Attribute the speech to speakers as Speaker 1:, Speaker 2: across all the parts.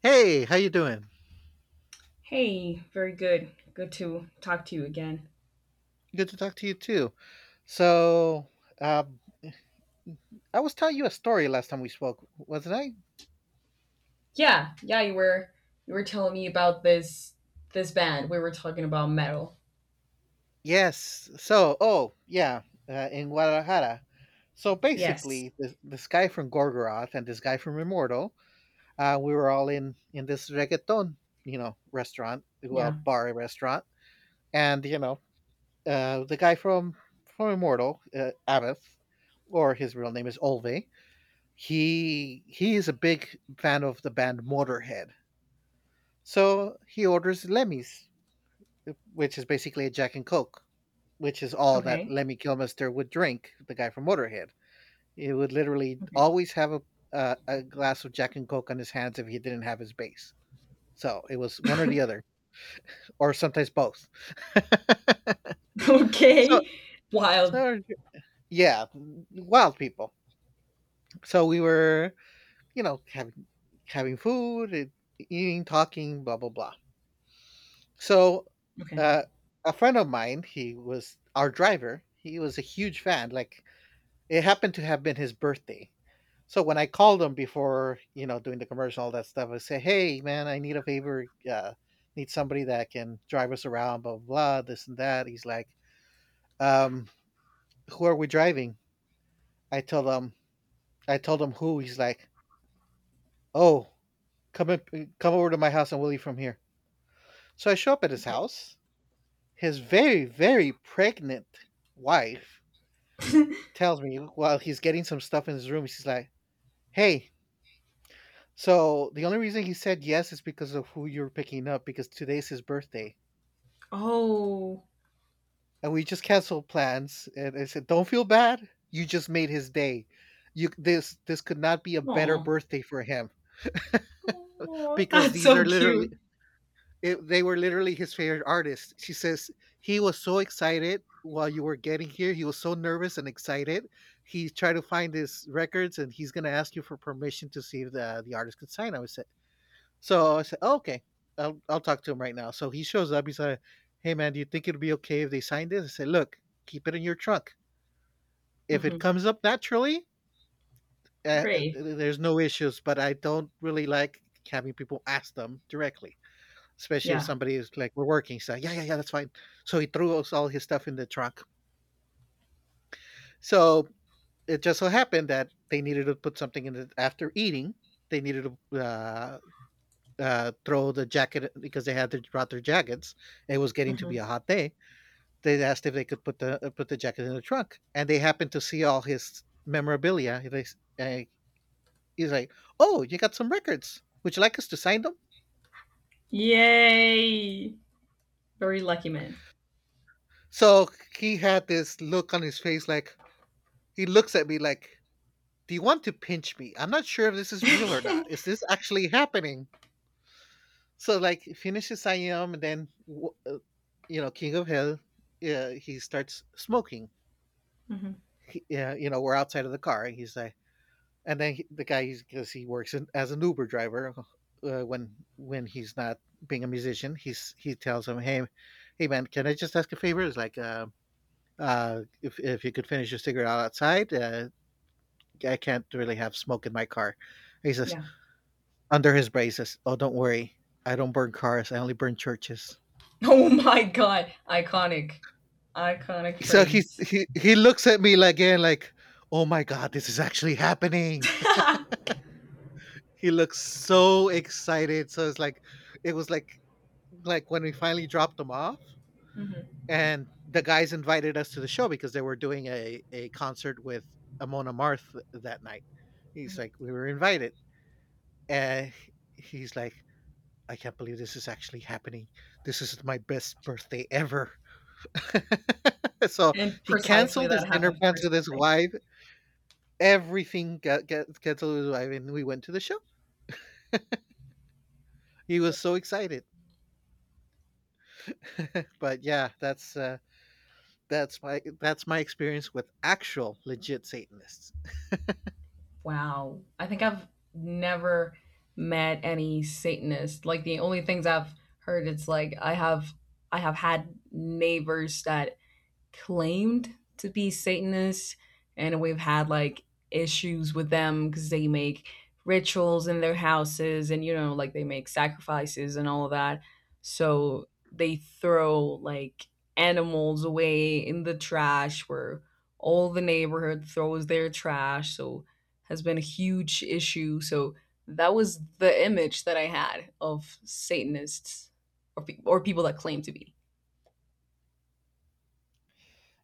Speaker 1: Hey, how you doing?
Speaker 2: Hey, very good. Good to talk to you again.
Speaker 1: Good to talk to you too. So, um, I was telling you a story last time we spoke, wasn't I?
Speaker 2: Yeah, yeah, you were telling me about this band. We were talking about metal.
Speaker 1: Yes. So, oh yeah, in Guadalajara. So
Speaker 2: Yes.
Speaker 1: basically, this guy from Gorgoroth and this guy from Immortal, we were all in this reggaeton, you know, restaurant,
Speaker 2: Yeah.
Speaker 1: well, bar restaurant, and you know, the guy from Immortal, Abath, or his real name is Olve. He is a big fan of the band Motorhead, so he orders Lemmy's, which is basically a Jack and Coke, which is all that
Speaker 2: Okay.
Speaker 1: Lemmy Kilmister would drink. The guy from Motorhead, he would literally
Speaker 2: Okay.
Speaker 1: always have a glass of Jack and Coke on his hands if he didn't have his base. So it was one or the other, or sometimes both. so,
Speaker 2: Okay. Wild.
Speaker 1: so yeah, wild people. So we were, you know, having food, eating, talking, blah blah blah. So,
Speaker 2: Okay.
Speaker 1: uh, a friend of mine, he was our driver. He was a huge fan. Like it happened to have been his birthday. So when I called him before, you know, doing the commercial, all that stuff, I say, "Hey, man, I need a favor. Need somebody that can drive us around, blah blah, blah, this and that." He's like, um, "Who are we driving?" I told him. I told him who. He's like, "Oh, come up, come over to my house and we'll leave from here." So I show up at his
Speaker 2: Okay.
Speaker 1: house. His very, very pregnant wife tells me while he's getting some stuff in his room, she's like, "Hey, so the only reason he said yes is because of who you're picking up because today's his birthday.
Speaker 2: Oh.
Speaker 1: And we just canceled plans." And I said, "Don't feel bad. You just made his day. You this could not be a better
Speaker 2: Oh.
Speaker 1: birthday for him
Speaker 2: Oh,
Speaker 1: because
Speaker 2: that's
Speaker 1: these are
Speaker 2: so
Speaker 1: literally
Speaker 2: cute.
Speaker 1: it, they were literally his favorite artists." She says he was so excited while you were getting here. He was so nervous and excited. He tried to find his records and he's gonna ask you for permission to see if the artist could sign. I was said, so I said, oh, okay, I'll talk to him right now. So he shows up. He's like, "Hey, man, do you think it'd be okay if they signed this?" I said, "Look, keep it in your trunk. If it
Speaker 2: hmm
Speaker 1: comes up naturally,
Speaker 2: Great.
Speaker 1: there's no issues, but I don't really like having people ask them directly, especially if
Speaker 2: Yeah.
Speaker 1: somebody is like, we're working." He's like, "Yeah, yeah, yeah, that's fine." So he threw us all his stuff in the trunk. So it just so happened that they needed to put something in it after eating. They needed to throw the jacket because they had their, brought their jackets. It was getting to be a
Speaker 2: hmm
Speaker 1: hot day. They asked if they could put the jacket in the trunk, and they happened to see all his memorabilia. Uh, he's like, "Oh, you got some records. Would you like us to sign them?"
Speaker 2: Yay. Very lucky man.
Speaker 1: So he had this look on his face, like he looks at me like, "Do you want to pinch me? I'm not sure if this is real or
Speaker 2: hmm
Speaker 1: not. Is this actually happening?" So like, he finishes signing them, and then, you know, King of Hell, he starts smoking. He, yeah, you know, we're outside of the car, and he's like, and then he, the guy, he's because he works in, as an Uber driver when he's not being a musician, he's he tells him, "Hey, hey man, can I just ask a favor? It's like, if you could finish your cigarette outside, I can't really have smoke in my car." He says
Speaker 2: Yeah.
Speaker 1: under his braces, "Oh, don't worry, I don't burn cars, I only burn churches."
Speaker 2: Oh my god. Iconic. Iconic
Speaker 1: So he
Speaker 2: phrase.
Speaker 1: he he looks at me like, again, like, "Oh my god, this is actually happening."
Speaker 2: hmm
Speaker 1: He looks so excited. So it's like it was like when we finally dropped him off,
Speaker 2: hmm
Speaker 1: and the guys invited us to the show because they were doing a concert with Amona Marth that night. He's like, we were invited. And he's like, I can't believe this is actually happening. This is my best birthday ever. So
Speaker 2: And
Speaker 1: he
Speaker 2: precisely
Speaker 1: canceled his
Speaker 2: that
Speaker 1: dinner
Speaker 2: happened for
Speaker 1: plans
Speaker 2: his
Speaker 1: with his
Speaker 2: birthday.
Speaker 1: wife. Everything got canceled with his wife, and we went to the show. He was so excited. But yeah, that's my experience with actual legit Satanists.
Speaker 2: Wow. I think I've never met any Satanist. Like, the only things I've heard, it's like I have had neighbors that claimed to be Satanists, and we've had like issues with them because they make rituals in their houses, and you know, like, they make sacrifices and all of that, so they throw like animals away in the trash where all the neighborhood throws their trash, so has been a huge issue. So that was the image that I had of Satanists, or people that claim to be.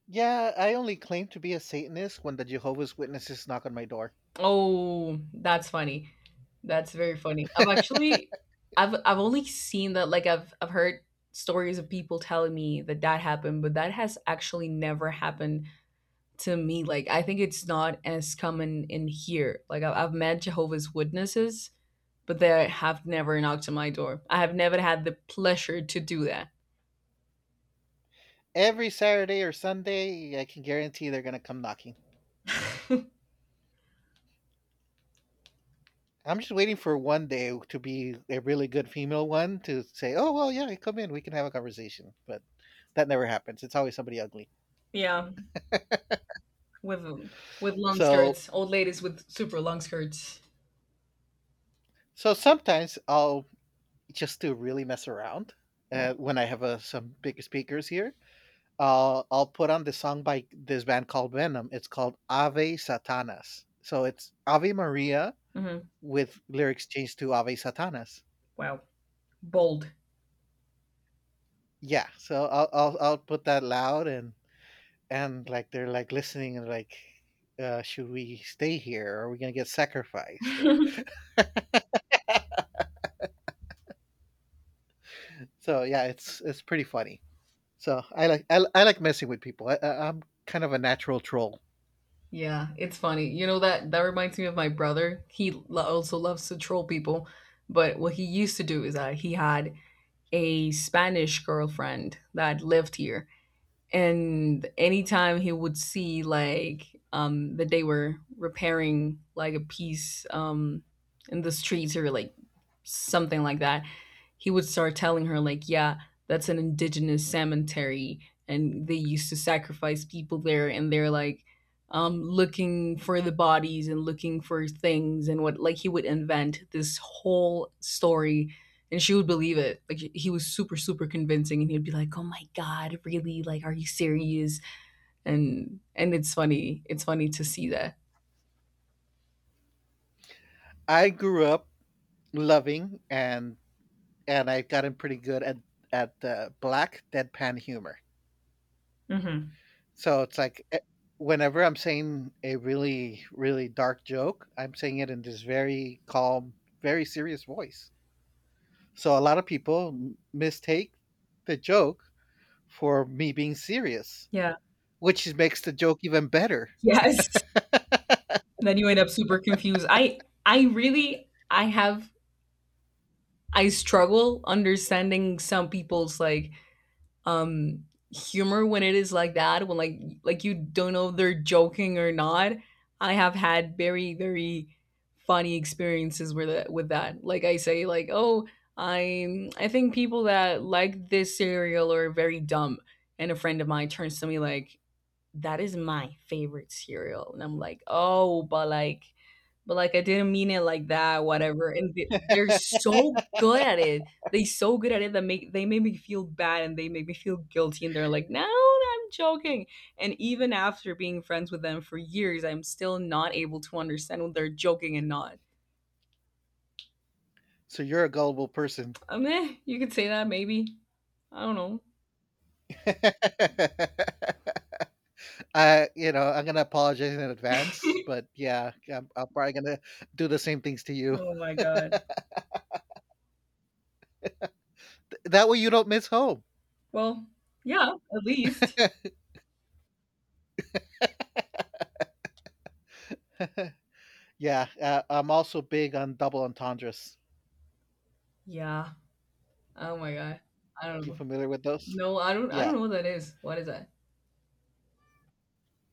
Speaker 1: Yeah, I only claim to be a Satanist when the Jehovah's Witnesses knock on my door.
Speaker 2: Oh, that's funny. That's very funny. I've actually I've only seen that. Like, I've heard stories of people telling me that that happened, but that has actually never happened to me. Like, I think it's not as common in here. Like, I've met Jehovah's Witnesses, but they have never knocked on my door. I have never had the pleasure to do that.
Speaker 1: Every Saturday or Sunday, I can guarantee they're gonna come knocking. I'm just waiting for one day to be a really good female one to say, "Oh well, yeah, come in, we can have a conversation." But that never happens. It's always somebody ugly.
Speaker 2: Yeah, with with long
Speaker 1: So
Speaker 2: skirts, old ladies with super long skirts.
Speaker 1: so sometimes I'll just to really mess around
Speaker 2: Yeah.
Speaker 1: when I have some big speakers here. I'll put on the song by this band called Venom. It's called Ave Satanas. So it's Ave Maria
Speaker 2: hmm
Speaker 1: with lyrics changed to Ave Satanas.
Speaker 2: Wow, bold.
Speaker 1: Yeah. So I'll put that loud and like they're like listening and like, should we stay here? Or are we gonna get sacrificed? Or so yeah, it's pretty funny. So I like I like messing with people. I'm kind of a natural troll.
Speaker 2: Yeah, it's funny. You know, that that reminds me of my brother. He also loves to troll people, but what he used to do is that he had a Spanish girlfriend that lived here, and anytime he would see, like, that they were repairing like a piece, in the streets or like something like that, he would start telling her, like, yeah, that's an indigenous cemetery, and they used to sacrifice people there, and they're like, looking for the bodies and looking for things and what. Like, he would invent this whole story, and she would believe it. Like, he was super super convincing, and he'd be like, oh my god, really, like, are you serious? And it's funny. It's funny to see that.
Speaker 1: I grew up loving and I've gotten pretty good at black deadpan humor.
Speaker 2: Mm-hmm.
Speaker 1: So it's like whenever I'm saying a really really dark joke, I'm saying it in this very calm, very serious voice. So a lot of people mistake the joke for me being serious,
Speaker 2: Yeah.
Speaker 1: which is- makes the joke even better.
Speaker 2: Yes. Then you end up super confused. I really I have I struggle understanding some people's like, humor when it is like that, when, like, you don't know if they're joking or not. I have had very, very funny experiences with that, with that. Like, I say, like, oh, I think people that like this cereal are very dumb. And a friend of mine turns to me like, that is my favorite cereal. And I'm like, oh, but like, I didn't mean it like that, whatever. And they're so good at it. They so good at it that make they make me feel bad and they make me feel guilty. And they're like, no, no, I'm joking. And even after being friends with them for years, I'm still not able to understand when they're joking and not.
Speaker 1: So you're a gullible person.
Speaker 2: I mean, you could say that, maybe. I don't know.
Speaker 1: I, you know, I'm gonna apologize in advance, but yeah, I'm probably gonna do the same things to you.
Speaker 2: Oh my god.
Speaker 1: That way, you don't miss home.
Speaker 2: Well, yeah, at least.
Speaker 1: Yeah, I'm also big on double entendres.
Speaker 2: Yeah. Oh my god. I don't
Speaker 1: You
Speaker 2: know.
Speaker 1: familiar with those?
Speaker 2: No, I
Speaker 1: Yeah,
Speaker 2: don't know what that is. What is that?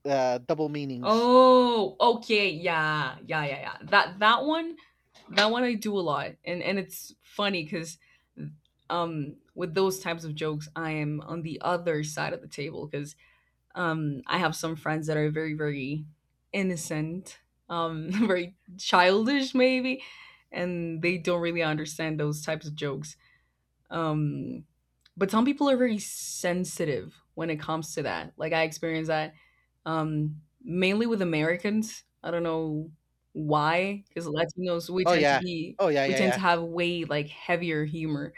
Speaker 1: double meanings.
Speaker 2: Oh, okay. Yeah. Yeah, yeah, yeah. That one, that one I do a lot. And it's funny, cuz with those types of jokes, I am on the other side of the table, cuz I have some friends that are very, very innocent, very childish, maybe, and they don't really understand those types of jokes. Um, but some people are very sensitive when it comes to that. Like, I experienced that, mainly with Americans. I don't know why, because Latinos, we
Speaker 1: Oh
Speaker 2: tend to
Speaker 1: yeah,
Speaker 2: be
Speaker 1: oh
Speaker 2: we tend to
Speaker 1: yeah.
Speaker 2: have way like heavier humor.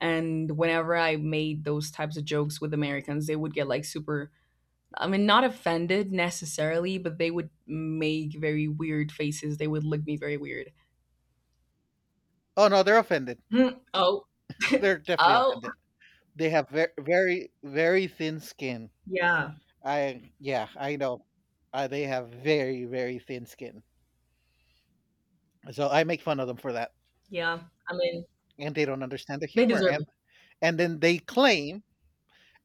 Speaker 2: And whenever I made those types of jokes with Americans, they would get like super. I mean, not offended necessarily, but they would make very weird faces. They would look me very weird.
Speaker 1: Oh no, they're offended.
Speaker 2: Hmm, oh,
Speaker 1: They're definitely
Speaker 2: oh,
Speaker 1: offended. They have very, very, very thin skin.
Speaker 2: yeah,
Speaker 1: I yeah, I know. They have very, very thin skin. So I make fun of them for that,
Speaker 2: yeah. I mean,
Speaker 1: and they don't understand the
Speaker 2: they
Speaker 1: humor.
Speaker 2: deserve it.
Speaker 1: And then they claim,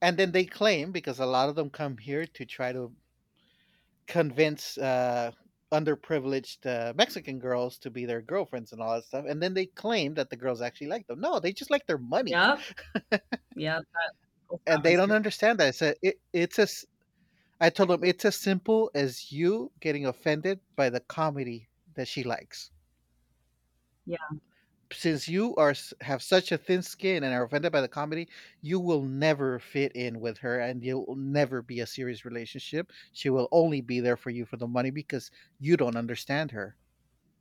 Speaker 1: and then they claim because a lot of them come here to try to convince underprivileged Mexican girls to be their girlfriends and all that stuff. And then they claim that the girls actually like them. No, they just like their money,
Speaker 2: Yeah, yeah, that also
Speaker 1: and they
Speaker 2: happens
Speaker 1: don't
Speaker 2: here.
Speaker 1: understand that. It's as I told them it's as simple as you getting offended by the comedy that she likes.
Speaker 2: Yeah.
Speaker 1: Since you are have such a thin skin and are offended by the comedy, you will never fit in with her, and you'll never be a serious relationship. She will only be there for you for the money because you don't understand her.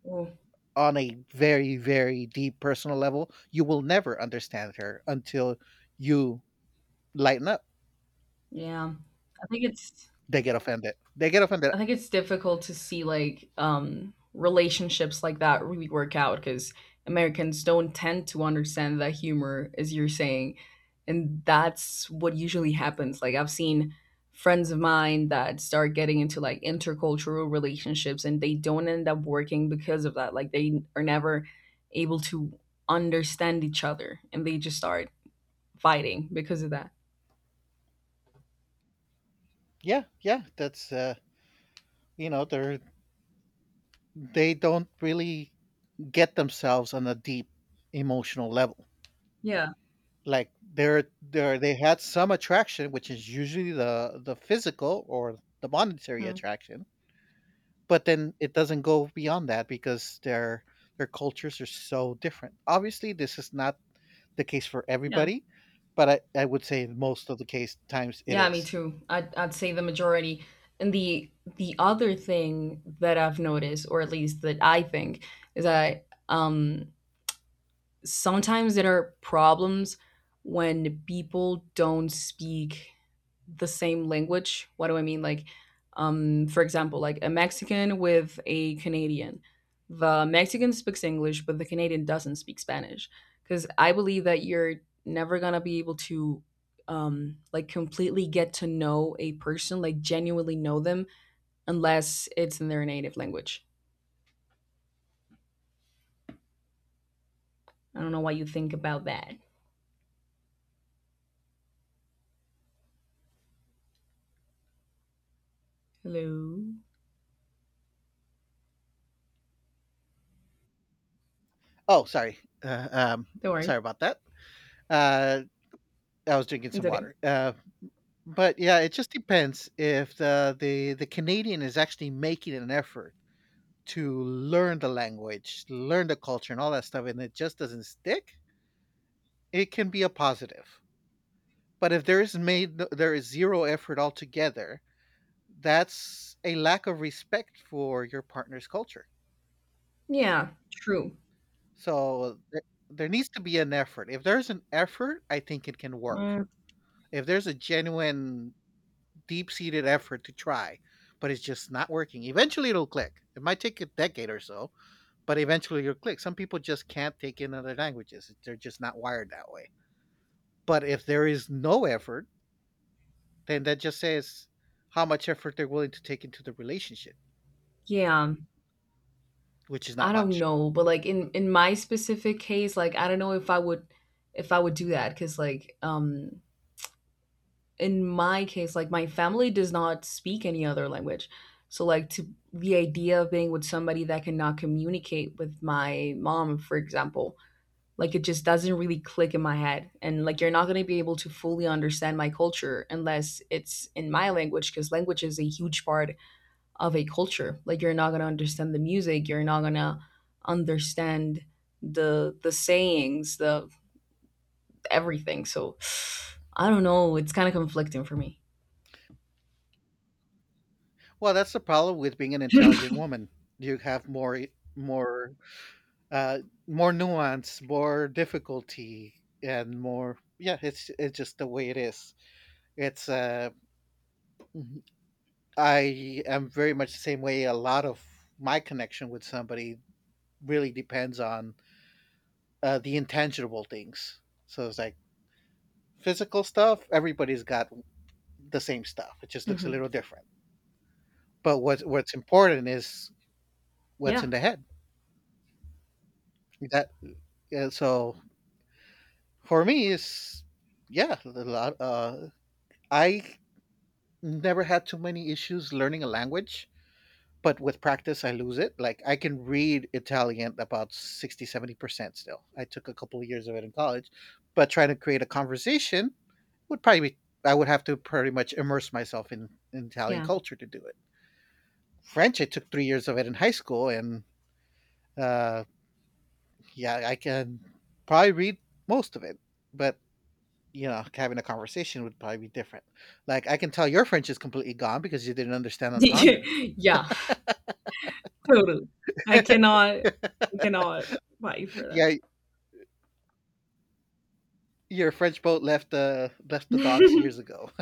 Speaker 2: Oh,
Speaker 1: On a very very deep personal level you will never understand her until you lighten up.
Speaker 2: yeah. I think it's
Speaker 1: They get offended.
Speaker 2: I think it's difficult to see like relationships like that really work out, because Americans don't tend to understand that humor, as you're saying. And that's what usually happens. Like, I've seen friends of mine that start getting into like intercultural relationships, and they don't end up working because of that. Like, they are never able to understand each other, and they just start fighting because of that.
Speaker 1: Yeah, yeah, that's you know, they're they don't really get themselves on a deep emotional level.
Speaker 2: Yeah.
Speaker 1: Like they're they had some attraction which is usually the physical or the monetary
Speaker 2: Mm.
Speaker 1: attraction, but then it doesn't go beyond that because their cultures are so different. Obviously this is not the case for
Speaker 2: Yeah.
Speaker 1: everybody, but I would say most of the case times it
Speaker 2: Yeah, me
Speaker 1: is.
Speaker 2: too. I'd say the majority. And the other thing that I've noticed, or at least that I think, is that sometimes there are problems when people don't speak the same language. What do I mean? Like, for example, like a Mexican with a Canadian. The Mexican speaks English, but the Canadian doesn't speak Spanish. Because I believe that you're never gonna be able to like, completely get to know a person, like, genuinely know them, unless it's in their native language. I don't know what you think about that. Hello.
Speaker 1: Oh, sorry. Uh, um,
Speaker 2: Don't worry,
Speaker 1: sorry about that. Uh, I was drinking
Speaker 2: it's
Speaker 1: some
Speaker 2: okay.
Speaker 1: water. But yeah, it just depends if the Canadian is actually making an effort to learn the language, learn the culture, and all that stuff, and it just doesn't stick. It can be a positive. But if there is zero effort altogether, that's a lack of respect for your partner's culture.
Speaker 2: Yeah, true.
Speaker 1: So there needs to be an effort. If there's an effort, I think it can work.
Speaker 2: Uh,
Speaker 1: If there's a genuine, deep seated effort to try, but it's just not working, eventually it'll click. It might take a decade or so, but eventually it'll click. Some people just can't take in other languages, they're just not wired that way. But if there is no effort, then that just says how much effort they're willing to take into the relationship,
Speaker 2: yeah.
Speaker 1: which is not
Speaker 2: I don't
Speaker 1: much.
Speaker 2: know, but like, in my specific case, like, I don't know if I would do that, cuz like, in my case, like, my family does not speak any other language. So like, to the idea of being with somebody that cannot communicate with my mom, for example, like, it just doesn't really click in my head. And like, you're not going to be able to fully understand my culture unless it's in my language, cuz language is a huge part of a culture. Like, you're not gonna understand the music, you're not gonna understand the sayings, the everything. So I don't know, it's kind of conflicting for me.
Speaker 1: Well, that's the problem with being an intelligent woman. You have more Uh, more nuance, more difficulty, and more yeah. It's just the way it is. It's mhm. I am very much the same way. A lot of my connection with somebody really depends on the intangible things. So it's like physical stuff. Everybody's got the same stuff. It just looks a
Speaker 2: hmm
Speaker 1: little different. But what's important is what's
Speaker 2: Yeah.
Speaker 1: in the head. That So for me is yeah a lot. I never had too many issues learning a language, but with practice, I lose it. Like I can read Italian about 60, 70% still. I took a couple of years of it in college, but trying to create a conversation would probably be, I would have to pretty much immerse myself in Italian
Speaker 2: Yeah.
Speaker 1: culture to do it. French, I took 3 years of it in high school, and uh, yeah, I can probably read most of it, but you know, having a conversation would probably be different. Like I can tell your French is completely gone because you didn't understand entendre.
Speaker 2: Yeah, totally. I cannot, I cannot fight you for that.
Speaker 1: Yeah, your French boat left the docks years ago.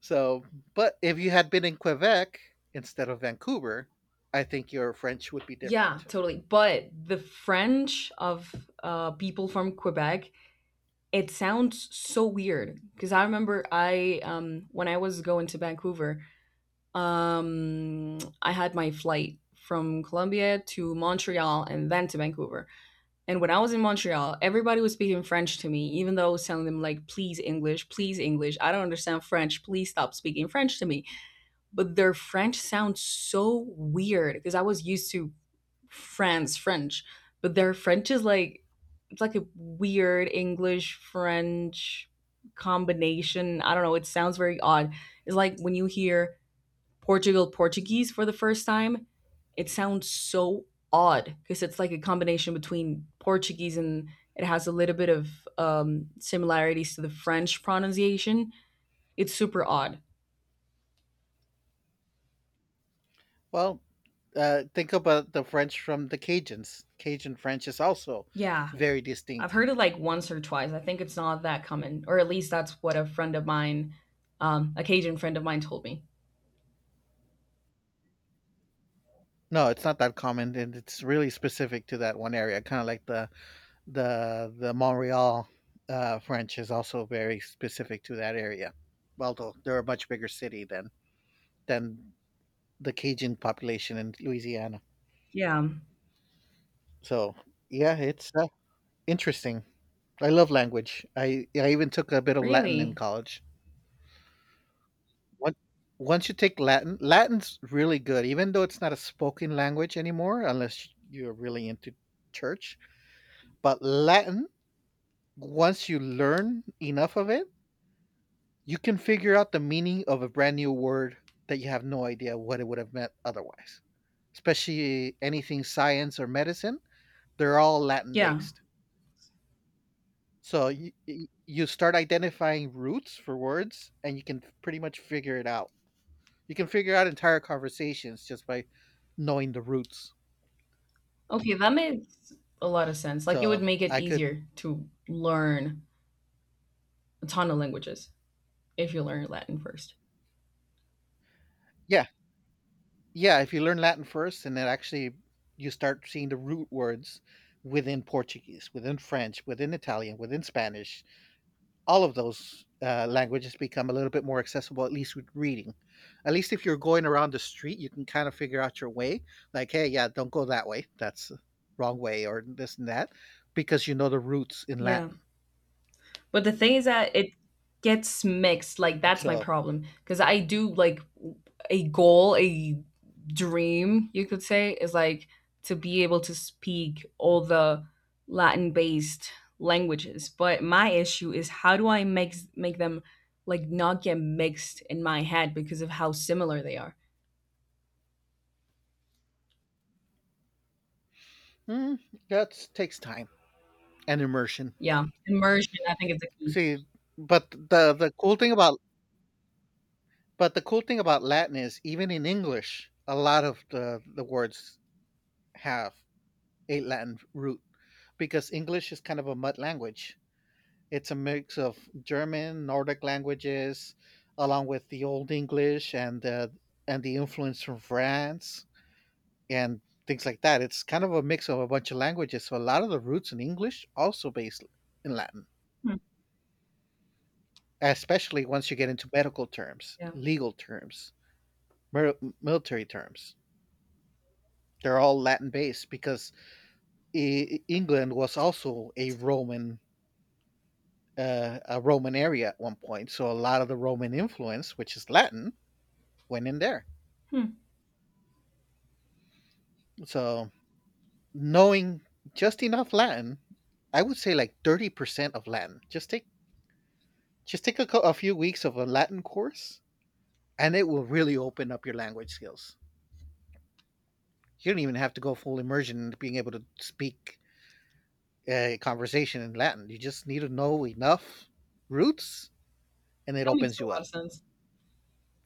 Speaker 1: So, but if you had been in Quebec instead of Vancouver, I think your French would be
Speaker 2: Yeah,
Speaker 1: different.
Speaker 2: totally. But the French of people from Quebec, it sounds so weird. Because I remember I when I was going to Vancouver, I had my flight from Colombia to Montreal and then to Vancouver. And when I was in Montreal, everybody was speaking French to me, even though I was telling them, like, please English, please English, I don't understand French, please stop speaking French to me. But their French sounds so weird because I was used to France French, but their French is like, it's like a weird English French combination. I don't know, it sounds very odd. It's like when you hear Portugal Portuguese for the first time, it sounds so odd because it's like a combination between Portuguese and it has a little bit of similarities to the French pronunciation. It's super odd.
Speaker 1: Well, think about the French from the Cajuns. Cajun French is also
Speaker 2: Yeah,
Speaker 1: very
Speaker 2: I've
Speaker 1: distinct.
Speaker 2: heard it like once or twice. I think it's not that common, or at least that's what a friend of mine, a Cajun friend of mine, told me.
Speaker 1: No, it's not that common, and it's really specific to that one area. Kind of like the Montreal French is also very specific to that area. Although they're a much bigger city than the Cajun population in Louisiana.
Speaker 2: Yeah,
Speaker 1: So yeah, it's interesting. I love language. I even took a bit of Latin in
Speaker 2: really?
Speaker 1: college. Once once you take Latin, Latin's really good, even though it's not a spoken language anymore, unless you're really into church. But Latin, once you learn enough of it, you can figure out the meaning of a brand new word that you have no idea what it would have meant otherwise. Especially anything science or medicine, they're all Latin
Speaker 2: Yeah.
Speaker 1: based. So you start identifying roots for words, and you can pretty much figure it out. You can figure out entire conversations just by knowing the roots.
Speaker 2: Okay, that makes a lot of sense. Like, it would
Speaker 1: So
Speaker 2: make it
Speaker 1: I could,
Speaker 2: easier to learn a ton of languages, if you learn Latin first.
Speaker 1: yeah, yeah. If you learn Latin first, and then actually you start seeing the root words within Portuguese, within French, within Italian, within Spanish, all of those languages become a little bit more accessible, at least with reading. At least if you're going around the street, you can kind of figure out your way. Like, hey, yeah, don't go that way. That's the wrong way, or this and that, because you know the roots in
Speaker 2: Yeah.
Speaker 1: Latin.
Speaker 2: But the thing is that it gets mixed. Like, that's my
Speaker 1: So
Speaker 2: problem, because I do like a goal, a dream, you could say, is like to be able to speak all the Latin-based languages. But my issue is how do I make them like not get mixed in my head because of how similar they are.
Speaker 1: mm, that takes time and immersion.
Speaker 2: Yeah, immersion I think is the key.
Speaker 1: See, but the cool thing about but the cool thing about Latin is even in English, a lot of the words have a Latin root because English is kind of a mud language. It's a mix of German, Nordic languages, along with the Old English and the influence from France and things like that. It's kind of a mix of a bunch of languages. So a lot of the roots in English also based in Latin, especially once you get into medical terms,
Speaker 2: Yeah, that
Speaker 1: legal terms, military terms. They're all Latin based because England was also a Roman area at one point. So a lot of the Roman influence, which is Latin, went in there. So knowing just enough Latin, I would say like 30% of Latin. Just take a few weeks of a Latin course, and it will really open up your language skills. You don't even have to go full immersion into being able to speak a conversation in Latin. You just need to know enough roots, and it
Speaker 2: makes
Speaker 1: opens
Speaker 2: a
Speaker 1: you
Speaker 2: lot
Speaker 1: up.
Speaker 2: of sense.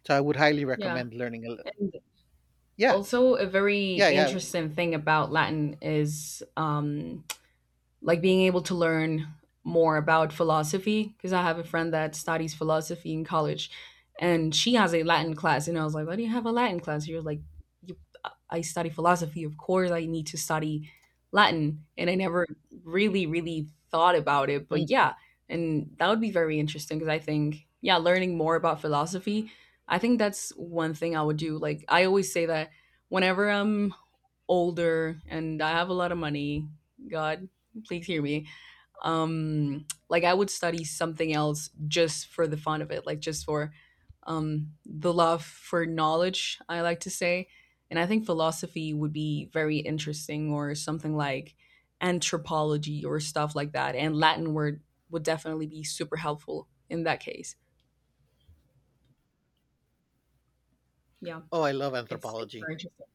Speaker 1: So I would highly
Speaker 2: Yeah,
Speaker 1: recommend learning.
Speaker 2: and
Speaker 1: Yeah,
Speaker 2: also a very
Speaker 1: yeah, yeah.
Speaker 2: interesting thing about Latin is like being able to learn more about philosophy, because I have a friend that studies philosophy in college, and she has a Latin class, and I was like, why do you have a Latin class? She was like, you I study philosophy, of course I need to study Latin. And I never really, really thought about it. But
Speaker 1: Mm.
Speaker 2: yeah, and that would be very interesting, because I think, yeah, learning more about philosophy, I think that's one thing I would do. Like, I always say that whenever I'm older and I have a lot of money, God, please hear me, like, I would study something else just for the fun of it, like just for the love for knowledge, I like to say. And I think philosophy would be very interesting, or something like anthropology or stuff like that. And Latin word would definitely be super helpful in that case. Yeah,
Speaker 1: Oh, I love
Speaker 2: it's
Speaker 1: anthropology.
Speaker 2: very interesting.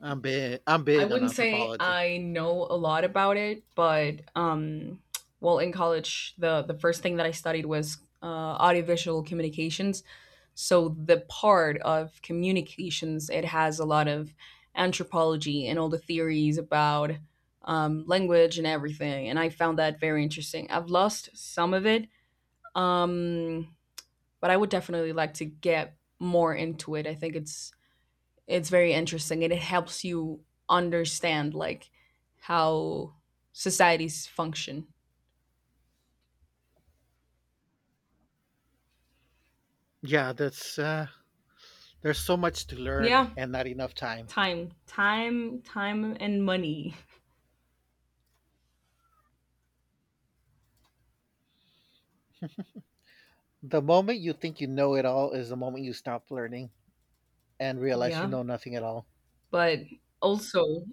Speaker 1: I'm
Speaker 2: I
Speaker 1: big on
Speaker 2: wouldn't say
Speaker 1: anthropology.
Speaker 2: I know a lot about it, but well, in college, the first thing that I studied was audiovisual communications. So the part of communications, it has a lot of anthropology and all the theories about language and everything, and I found that very interesting. I've lost some of it, um, but I would definitely like to get more into it. I think it's very interesting and it helps you understand like how societies function.
Speaker 1: Yeah, that's There's so much to learn
Speaker 2: Yeah,
Speaker 1: and not enough time.
Speaker 2: time, time, time, and money.
Speaker 1: The moment you think you know it all is the moment you stop learning and realize you
Speaker 2: Yeah,
Speaker 1: know nothing at all.
Speaker 2: but also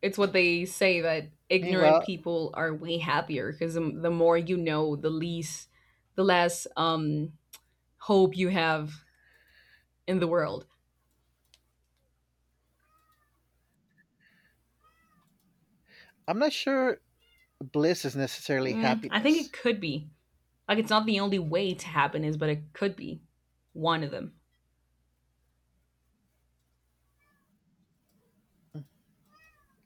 Speaker 2: it's what they say that ignorant
Speaker 1: Meanwhile,
Speaker 2: people are way happier because the more you know, the less hope you have in the world.
Speaker 1: I'm not sure bliss is necessarily
Speaker 2: I think it
Speaker 1: happiness.
Speaker 2: could be like it's not the only way to happiness, but it could be one of them.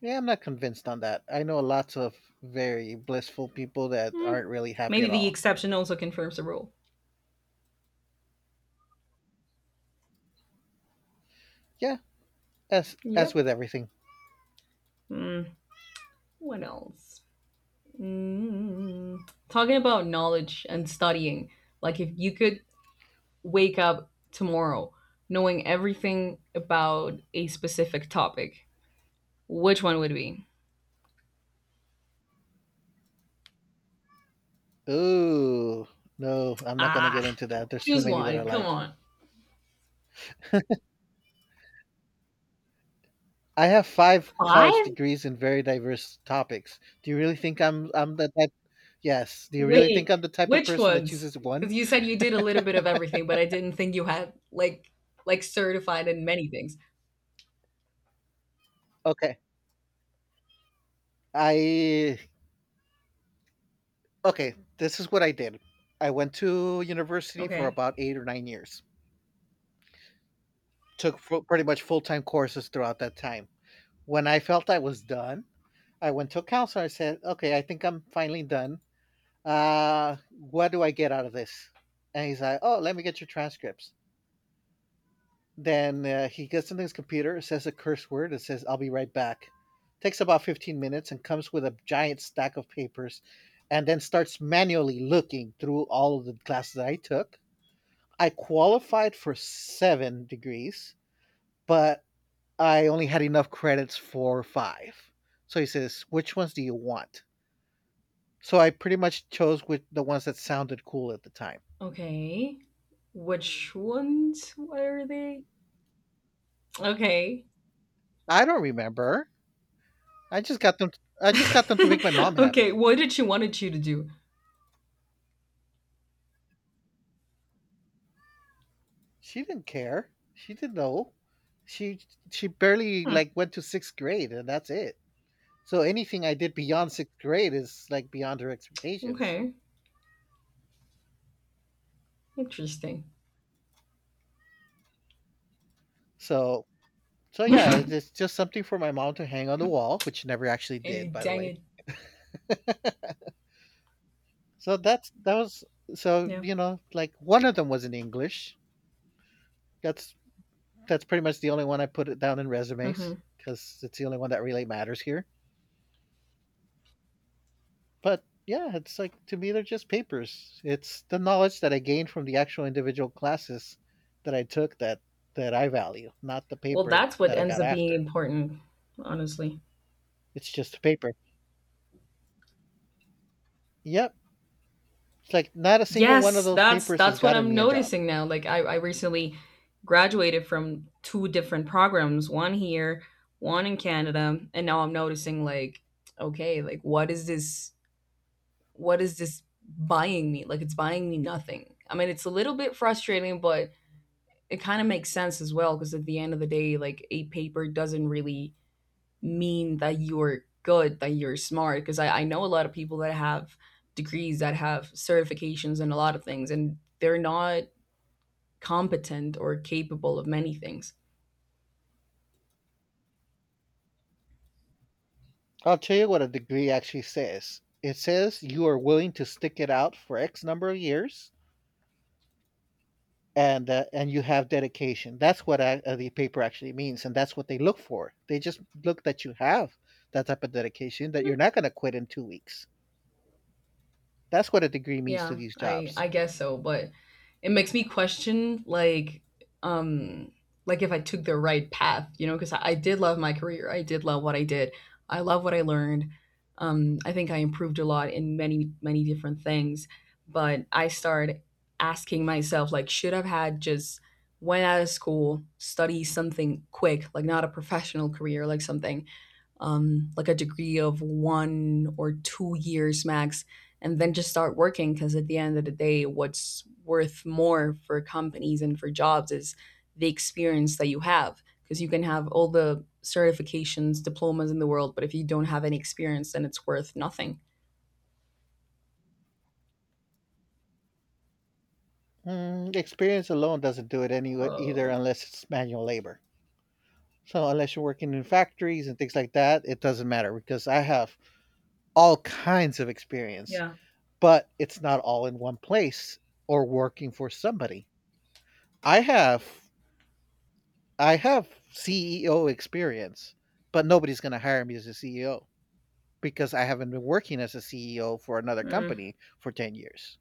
Speaker 1: Yeah, I'm not convinced on that. I know lots of very blissful people that
Speaker 2: Mm.
Speaker 1: aren't really happy
Speaker 2: Maybe
Speaker 1: at
Speaker 2: the
Speaker 1: all.
Speaker 2: exception also confirms the rule.
Speaker 1: Yeah, as
Speaker 2: Yep.
Speaker 1: with everything.
Speaker 2: Mm, what else? Talking about knowledge and studying, like if you could wake up tomorrow knowing everything about a specific topic, which one would it be?
Speaker 1: Ooh, no, I'm not gonna get
Speaker 2: Ah,
Speaker 1: into that. There's too
Speaker 2: choose
Speaker 1: many that are
Speaker 2: one. Come
Speaker 1: like.
Speaker 2: on.
Speaker 1: I have 5 college
Speaker 2: Five?
Speaker 1: degrees in very diverse topics. Do you really think I'm the type? Yes. Do you really think
Speaker 2: Wait,
Speaker 1: I'm the type of
Speaker 2: which
Speaker 1: person that
Speaker 2: ones?
Speaker 1: chooses 1?
Speaker 2: Because you said you did a little bit of everything, but I didn't think you had like certified in many things.
Speaker 1: Okay. I Okay, this is what I did. I went to university for
Speaker 2: Okay.
Speaker 1: about 8 or 9 years. Took fu Pretty much full-time courses throughout that time. When I felt I was done, I went to a counselor. I said, "Okay, I think I'm finally done. What do I get out of this?" And he's like, "Oh, let me get your transcripts." Then he gets into his computer, says a curse word, and says, I'll be right back. Takes about 15 minutes and comes with a giant stack of papers and then starts manually looking through all of the classes that I took. I qualified for 7 degrees, but I only had enough credits for five. So he says, which ones do you want? So I pretty much chose with the ones that sounded cool at the time.
Speaker 2: Okay. Which ones were they? Okay.
Speaker 1: I don't remember. I just got them I just got them to make my mom
Speaker 2: Okay,
Speaker 1: happy.
Speaker 2: what did she wanted you to do?
Speaker 1: She didn't care. She didn't know. She she barely
Speaker 2: Huh,
Speaker 1: like went to sixth grade and that's it. So anything I did beyond sixth grade is like beyond her expectations.
Speaker 2: okay, interesting.
Speaker 1: So so yeah, it's just something for my mom to hang on the wall, which she never actually
Speaker 2: Eh,
Speaker 1: did, by the
Speaker 2: dang
Speaker 1: way.
Speaker 2: it.
Speaker 1: So that was so
Speaker 2: Yeah.
Speaker 1: you know like one of them was in English. That's that's pretty much the only one I put it down in resumes
Speaker 2: Mhm.
Speaker 1: because it's the only one that really matters here. But yeah, it's like to me they're just papers. It's the knowledge that I gained from the actual individual classes that I took that I value, not the
Speaker 2: Well,
Speaker 1: paper
Speaker 2: that's what
Speaker 1: that I
Speaker 2: ends
Speaker 1: got
Speaker 2: up being
Speaker 1: after.
Speaker 2: important, honestly.
Speaker 1: It's just a paper. Yep. It's like not a single one of
Speaker 2: Yes,
Speaker 1: those
Speaker 2: that's
Speaker 1: papers has
Speaker 2: that's what
Speaker 1: gotten
Speaker 2: I'm
Speaker 1: me a job.
Speaker 2: noticing now. Like I recently graduated from two different programs, one here, one in Canada, and now I'm noticing like, okay, like what is this buying me? Like it's buying me nothing. I mean, it's a little bit frustrating, but it kind of makes sense as well because at the end of the day, like a paper doesn't really mean that you're good, that you're smart. Because I know a lot of people that have degrees, that have certifications, and a lot of things, and they're not competent or capable of many things.
Speaker 1: I'll tell you what a degree actually says. It says you are willing to stick it out for X number of years and you have dedication. That's what the paper actually means, and that's what they look for. They just look that you have that type of dedication, that you're not going to quit in 2 weeks. That's what a degree means to
Speaker 2: Yeah,
Speaker 1: these
Speaker 2: I
Speaker 1: jobs.
Speaker 2: I guess so, but it makes me question um like if I took the right path, because I did love my career. I did love what I did. I love what I learned. I think I improved a lot in many many different things, but I started asking myself like should I've had just went out of school, study something quick, like not a professional career, like something like a degree of 1 or 2 years max, and then just start working. Because at the end of the day, what's worth more for companies and for jobs is the experience that you have. Because you can have all the certifications, diplomas in the world, but if you don't have any experience, then it's worth nothing.
Speaker 1: Mm, experience alone doesn't do it anyway either,
Speaker 2: Oh
Speaker 1: unless it's manual labor. So unless you're working in factories and things like that, it doesn't matter because I have all kinds of experience,
Speaker 2: yeah.
Speaker 1: but it's not all in one place or working for somebody. I have I have CEO experience, but nobody's going to hire me as a CEO because I haven't been working as a CEO for another
Speaker 2: Mm.
Speaker 1: company for 10 years.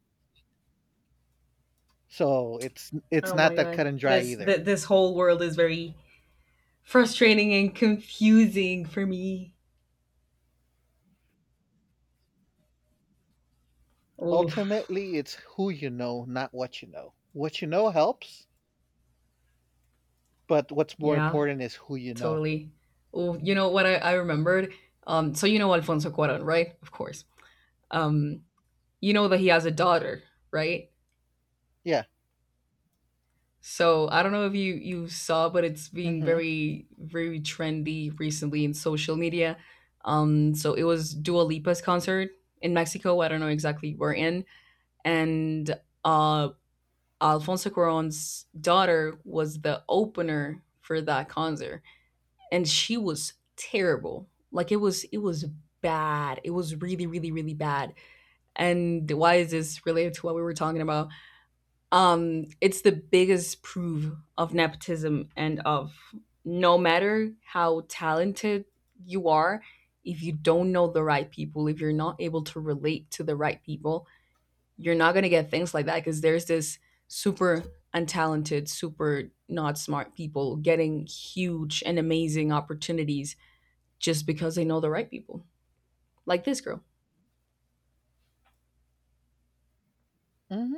Speaker 1: So it's
Speaker 2: Oh my
Speaker 1: not that cut
Speaker 2: god.
Speaker 1: and dry
Speaker 2: This
Speaker 1: either.
Speaker 2: th- this whole world is very frustrating and confusing for me. Oh
Speaker 1: Ultimately, it's who you know, not what you know. What you know helps, but what's more
Speaker 2: yeah.
Speaker 1: important is who you know.
Speaker 2: Totally. Oh, you know what I remembered? So you know Alfonso Cuarón, right? Of course. Um, you know that he has a daughter, right?
Speaker 1: Yeah.
Speaker 2: So I don't know if you saw, but it's being
Speaker 1: Mhm.
Speaker 2: very very trendy recently in social media. So it was Dua Lipa's concert in Mexico. I don't know exactly where in, and uh, Alfonso Cuarón's daughter was the opener for that concert. And she was terrible. Like it was bad. It was really really really bad. And why is this related to what we were talking about? It's the biggest proof of nepotism and of no matter how talented you are, if you don't know the right people, if you're not able to relate to the right people, you're not going to get things like that because there's this super untalented, super not smart people getting huge and amazing opportunities just because they know the right people, like this girl.
Speaker 1: Mhm.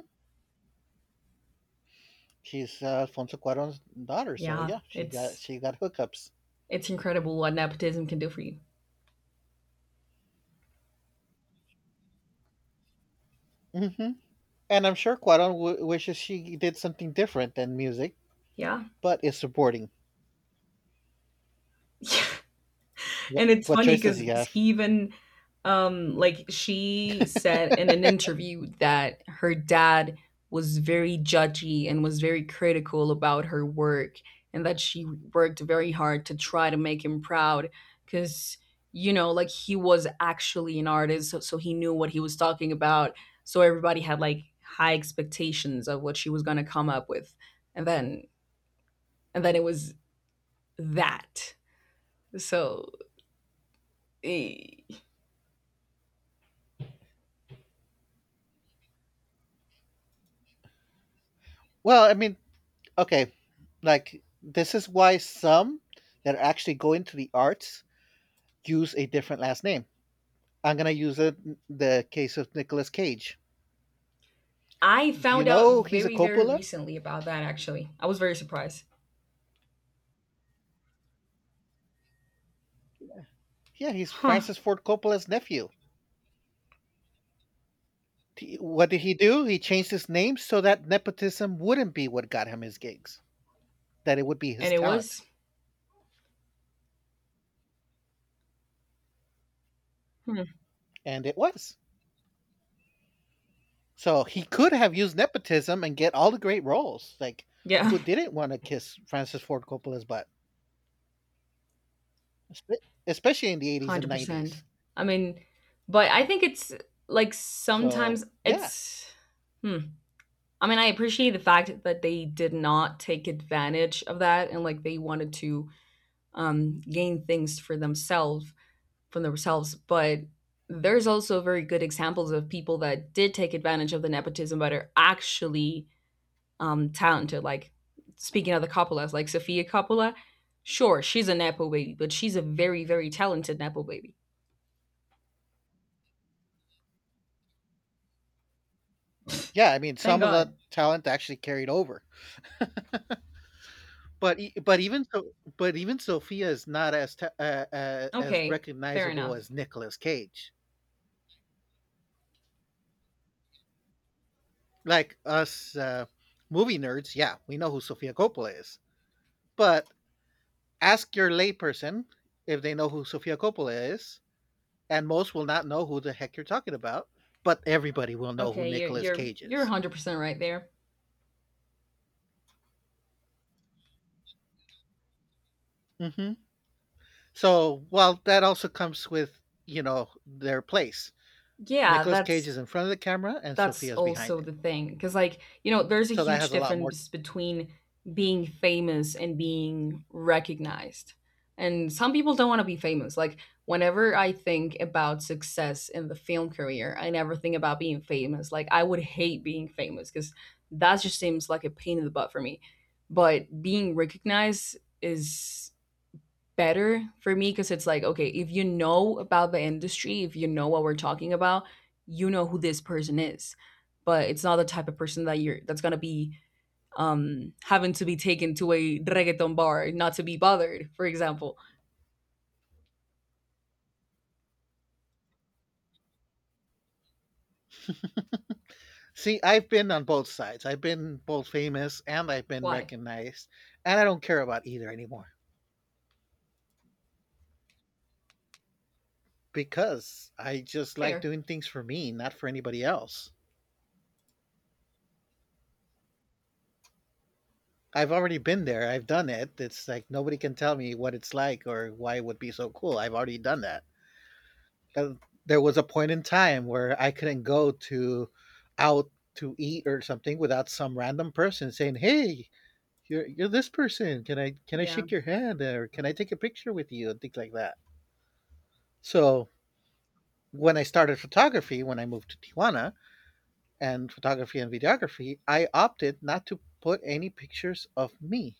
Speaker 1: She's Alfonso Cuarón's daughter, so
Speaker 2: Yeah,
Speaker 1: yeah,
Speaker 2: it's
Speaker 1: she got hookups.
Speaker 2: it's incredible what nepotism can do for you.
Speaker 1: Mhm. And I'm sure Cuarón wishes she did something different than music,
Speaker 2: Yeah.
Speaker 1: but is supporting.
Speaker 2: Yeah.
Speaker 1: What
Speaker 2: And it's funny
Speaker 1: choice does
Speaker 2: 'cause
Speaker 1: he
Speaker 2: 'cause
Speaker 1: have?
Speaker 2: he even, like, she said in an interview that her dad was very judgy and was very critical about her work, and that she worked very hard to try to make him proud because like, he was actually an artist, so he knew what he was talking about, so everybody had, like, high expectations of what she was gonna come up with, and then it was that. So, eh
Speaker 1: Well, I mean, okay, like this is why some that are actually going to the arts use a different last name. I'm gonna use it, the case of Nicolas Cage.
Speaker 2: I
Speaker 1: Do you
Speaker 2: found out
Speaker 1: know he's a
Speaker 2: very, very
Speaker 1: Coppola?
Speaker 2: recently about that actually. I was very surprised.
Speaker 1: Yeah, he's
Speaker 2: Huh.
Speaker 1: Francis Ford Coppola's nephew. What did he do? He changed his name so that nepotism wouldn't be what got him his gigs, that it would be his
Speaker 2: And it
Speaker 1: talent.
Speaker 2: was, hmm,
Speaker 1: And it was. So he could have used nepotism and get all the great roles. Like,
Speaker 2: yeah,
Speaker 1: who didn't want to kiss Francis Ford Coppola's butt? Espe- especially in the 80s and
Speaker 2: 100%.
Speaker 1: 90s.
Speaker 2: I mean, but I think it's like
Speaker 1: So,
Speaker 2: sometimes
Speaker 1: yeah.
Speaker 2: it's, hmm. I mean, I appreciate the fact that they did not take advantage of that and like they wanted to gain things for themselves, from themselves. But there's also very good examples of people that did take advantage of the nepotism but are actually talented. Like speaking of the Coppolas, like Sofia Coppola, sure, she's a Nepo baby, but she's a very, very talented Nepo baby.
Speaker 1: Yeah, I mean
Speaker 2: Thank
Speaker 1: some of the
Speaker 2: God.
Speaker 1: talent actually carried over. But e- but even so But even Sophia is not as
Speaker 2: Okay, fair
Speaker 1: recognizable as
Speaker 2: enough.
Speaker 1: Nicolas Cage. Like us movie nerds, yeah, we know who Sophia Coppola is. But ask your layperson if they know who Sophia Coppola is, and most will not know who the heck you're talking about, but everybody will know who
Speaker 2: Okay, you're
Speaker 1: Nicolas
Speaker 2: you're
Speaker 1: Cage
Speaker 2: you're
Speaker 1: is.
Speaker 2: 100% right there.
Speaker 1: Mhm. So, well, that also comes with, you know, their place.
Speaker 2: Yeah,
Speaker 1: Nicolas Cage
Speaker 2: that's
Speaker 1: is in front of the camera and
Speaker 2: that's
Speaker 1: Sophia's behind
Speaker 2: also
Speaker 1: it.
Speaker 2: the thing because like there's a
Speaker 1: So that
Speaker 2: huge
Speaker 1: has a lot more.
Speaker 2: difference between being famous and being recognized, and some people don't want to be famous. Like, whenever I think about success in the film career, I never think about being famous. Like, I would hate being famous because that just seems like a pain in the butt for me, but being recognized is better for me because it's like, okay, if you know about the industry, if you know what we're talking about, you know who this person is. But it's not the type of person that you're that's gonna be having to be taken to a reggaeton bar not to be bothered, for example.
Speaker 1: See, I've been on both sides. I've been both famous and I've been
Speaker 2: Why?
Speaker 1: recognized, and I don't care about either anymore because I just like
Speaker 2: Fair.
Speaker 1: doing things for me, not for anybody else. I've already been there. I've done it. It's like nobody can tell me what it's like or why it would be so cool. I've already done that. 'Cause there was a point in time where I couldn't go to out to eat or something without some random person saying, "Hey, you're this person. Can I
Speaker 2: Yeah.
Speaker 1: shake your hand or can I take a picture with you?" and things like that. So when I started photography, when I moved to Tijuana and photography and videography, I opted not to put any pictures of me.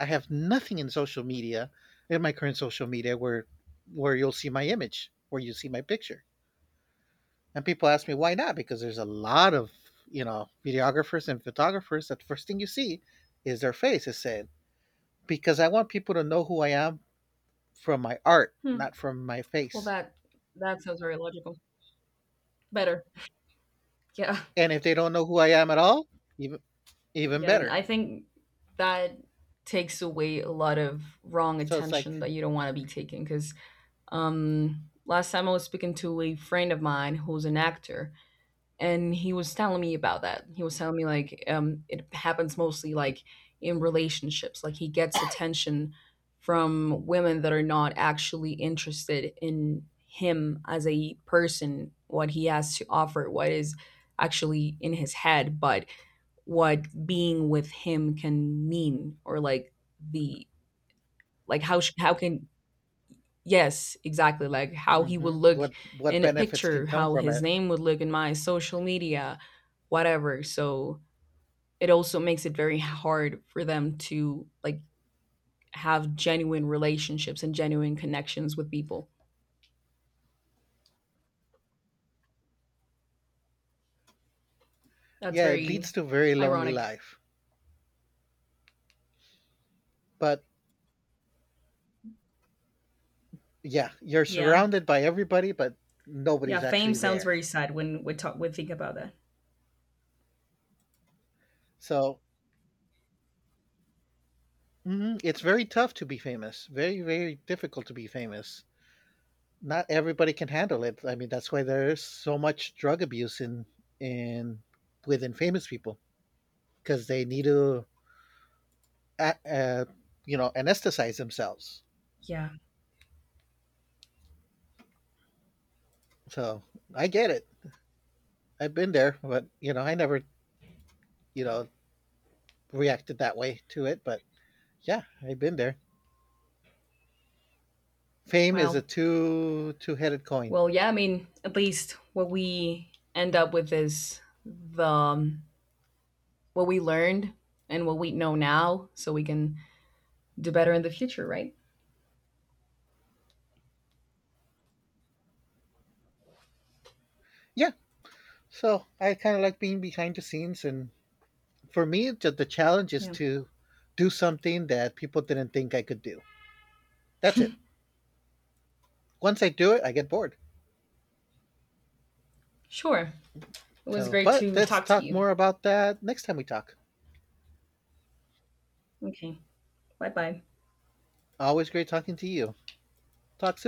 Speaker 1: I have nothing in social media, in my current social media where you'll see my image, where you see my picture. And people ask me why not? Because there's a lot of you know videographers and photographers that the first thing you see is their face is said because I want people to know who I am from my art,
Speaker 2: Hmm.
Speaker 1: not from my
Speaker 2: Well,
Speaker 1: face.
Speaker 2: that sounds very logical. Better. Yeah.
Speaker 1: And if they don't know who I am at all, even even
Speaker 2: Yeah. And
Speaker 1: better.
Speaker 2: I think that takes away a lot of wrong
Speaker 1: So it's
Speaker 2: attention
Speaker 1: like,
Speaker 2: that you don't want to be taking because. Last time I was speaking to a friend of mine who's an actor, and he was telling me about that. He was telling me like it happens mostly like in relationships. Like he gets attention from women that are not actually interested in him as a person, what he has to offer, what is actually in his head, but what being with him can mean or like the like how how can. Yes, exactly. Like how he would
Speaker 1: hmm,
Speaker 2: look
Speaker 1: what
Speaker 2: in a
Speaker 1: benefits can
Speaker 2: picture,
Speaker 1: come
Speaker 2: how
Speaker 1: from
Speaker 2: his
Speaker 1: it?
Speaker 2: name would look in my social media, whatever. So it also makes it very hard for them to like have genuine relationships and genuine connections with people. That's
Speaker 1: Yeah, it leads
Speaker 2: very
Speaker 1: to a very lonely
Speaker 2: ironic.
Speaker 1: life. But yeah, you're
Speaker 2: Yeah.
Speaker 1: surrounded by everybody, but
Speaker 2: Yeah.
Speaker 1: nobody's
Speaker 2: Fame
Speaker 1: actually
Speaker 2: sounds
Speaker 1: there.
Speaker 2: very sad when we talk, we think about that.
Speaker 1: So mhm, it's very tough to be famous. Very very difficult to be famous. Not everybody can handle it. I mean, that's why there's so much drug abuse in within famous people because they need to, uh, uh, you know, anesthetize themselves. So I get it. I've been there, but you know, I never, you know, reacted that way to it. But yeah, I've been there. Fame is a
Speaker 2: Wow.
Speaker 1: two headed coin.
Speaker 2: Well, yeah, I mean, at least what we end up with is the what we learned and what we know now so we can do better in the future, right?
Speaker 1: Yeah. So I kind of like being behind the scenes, and for me, the challenge is
Speaker 2: Yeah.
Speaker 1: to do something that people didn't think I could do. That's it. Once I do it, I get bored.
Speaker 2: Sure. It was
Speaker 1: So,
Speaker 2: great
Speaker 1: but
Speaker 2: to
Speaker 1: let's
Speaker 2: talk to
Speaker 1: talk
Speaker 2: you.
Speaker 1: more about that next time we talk.
Speaker 2: Okay. Bye bye.
Speaker 1: Always great talking to you. Talk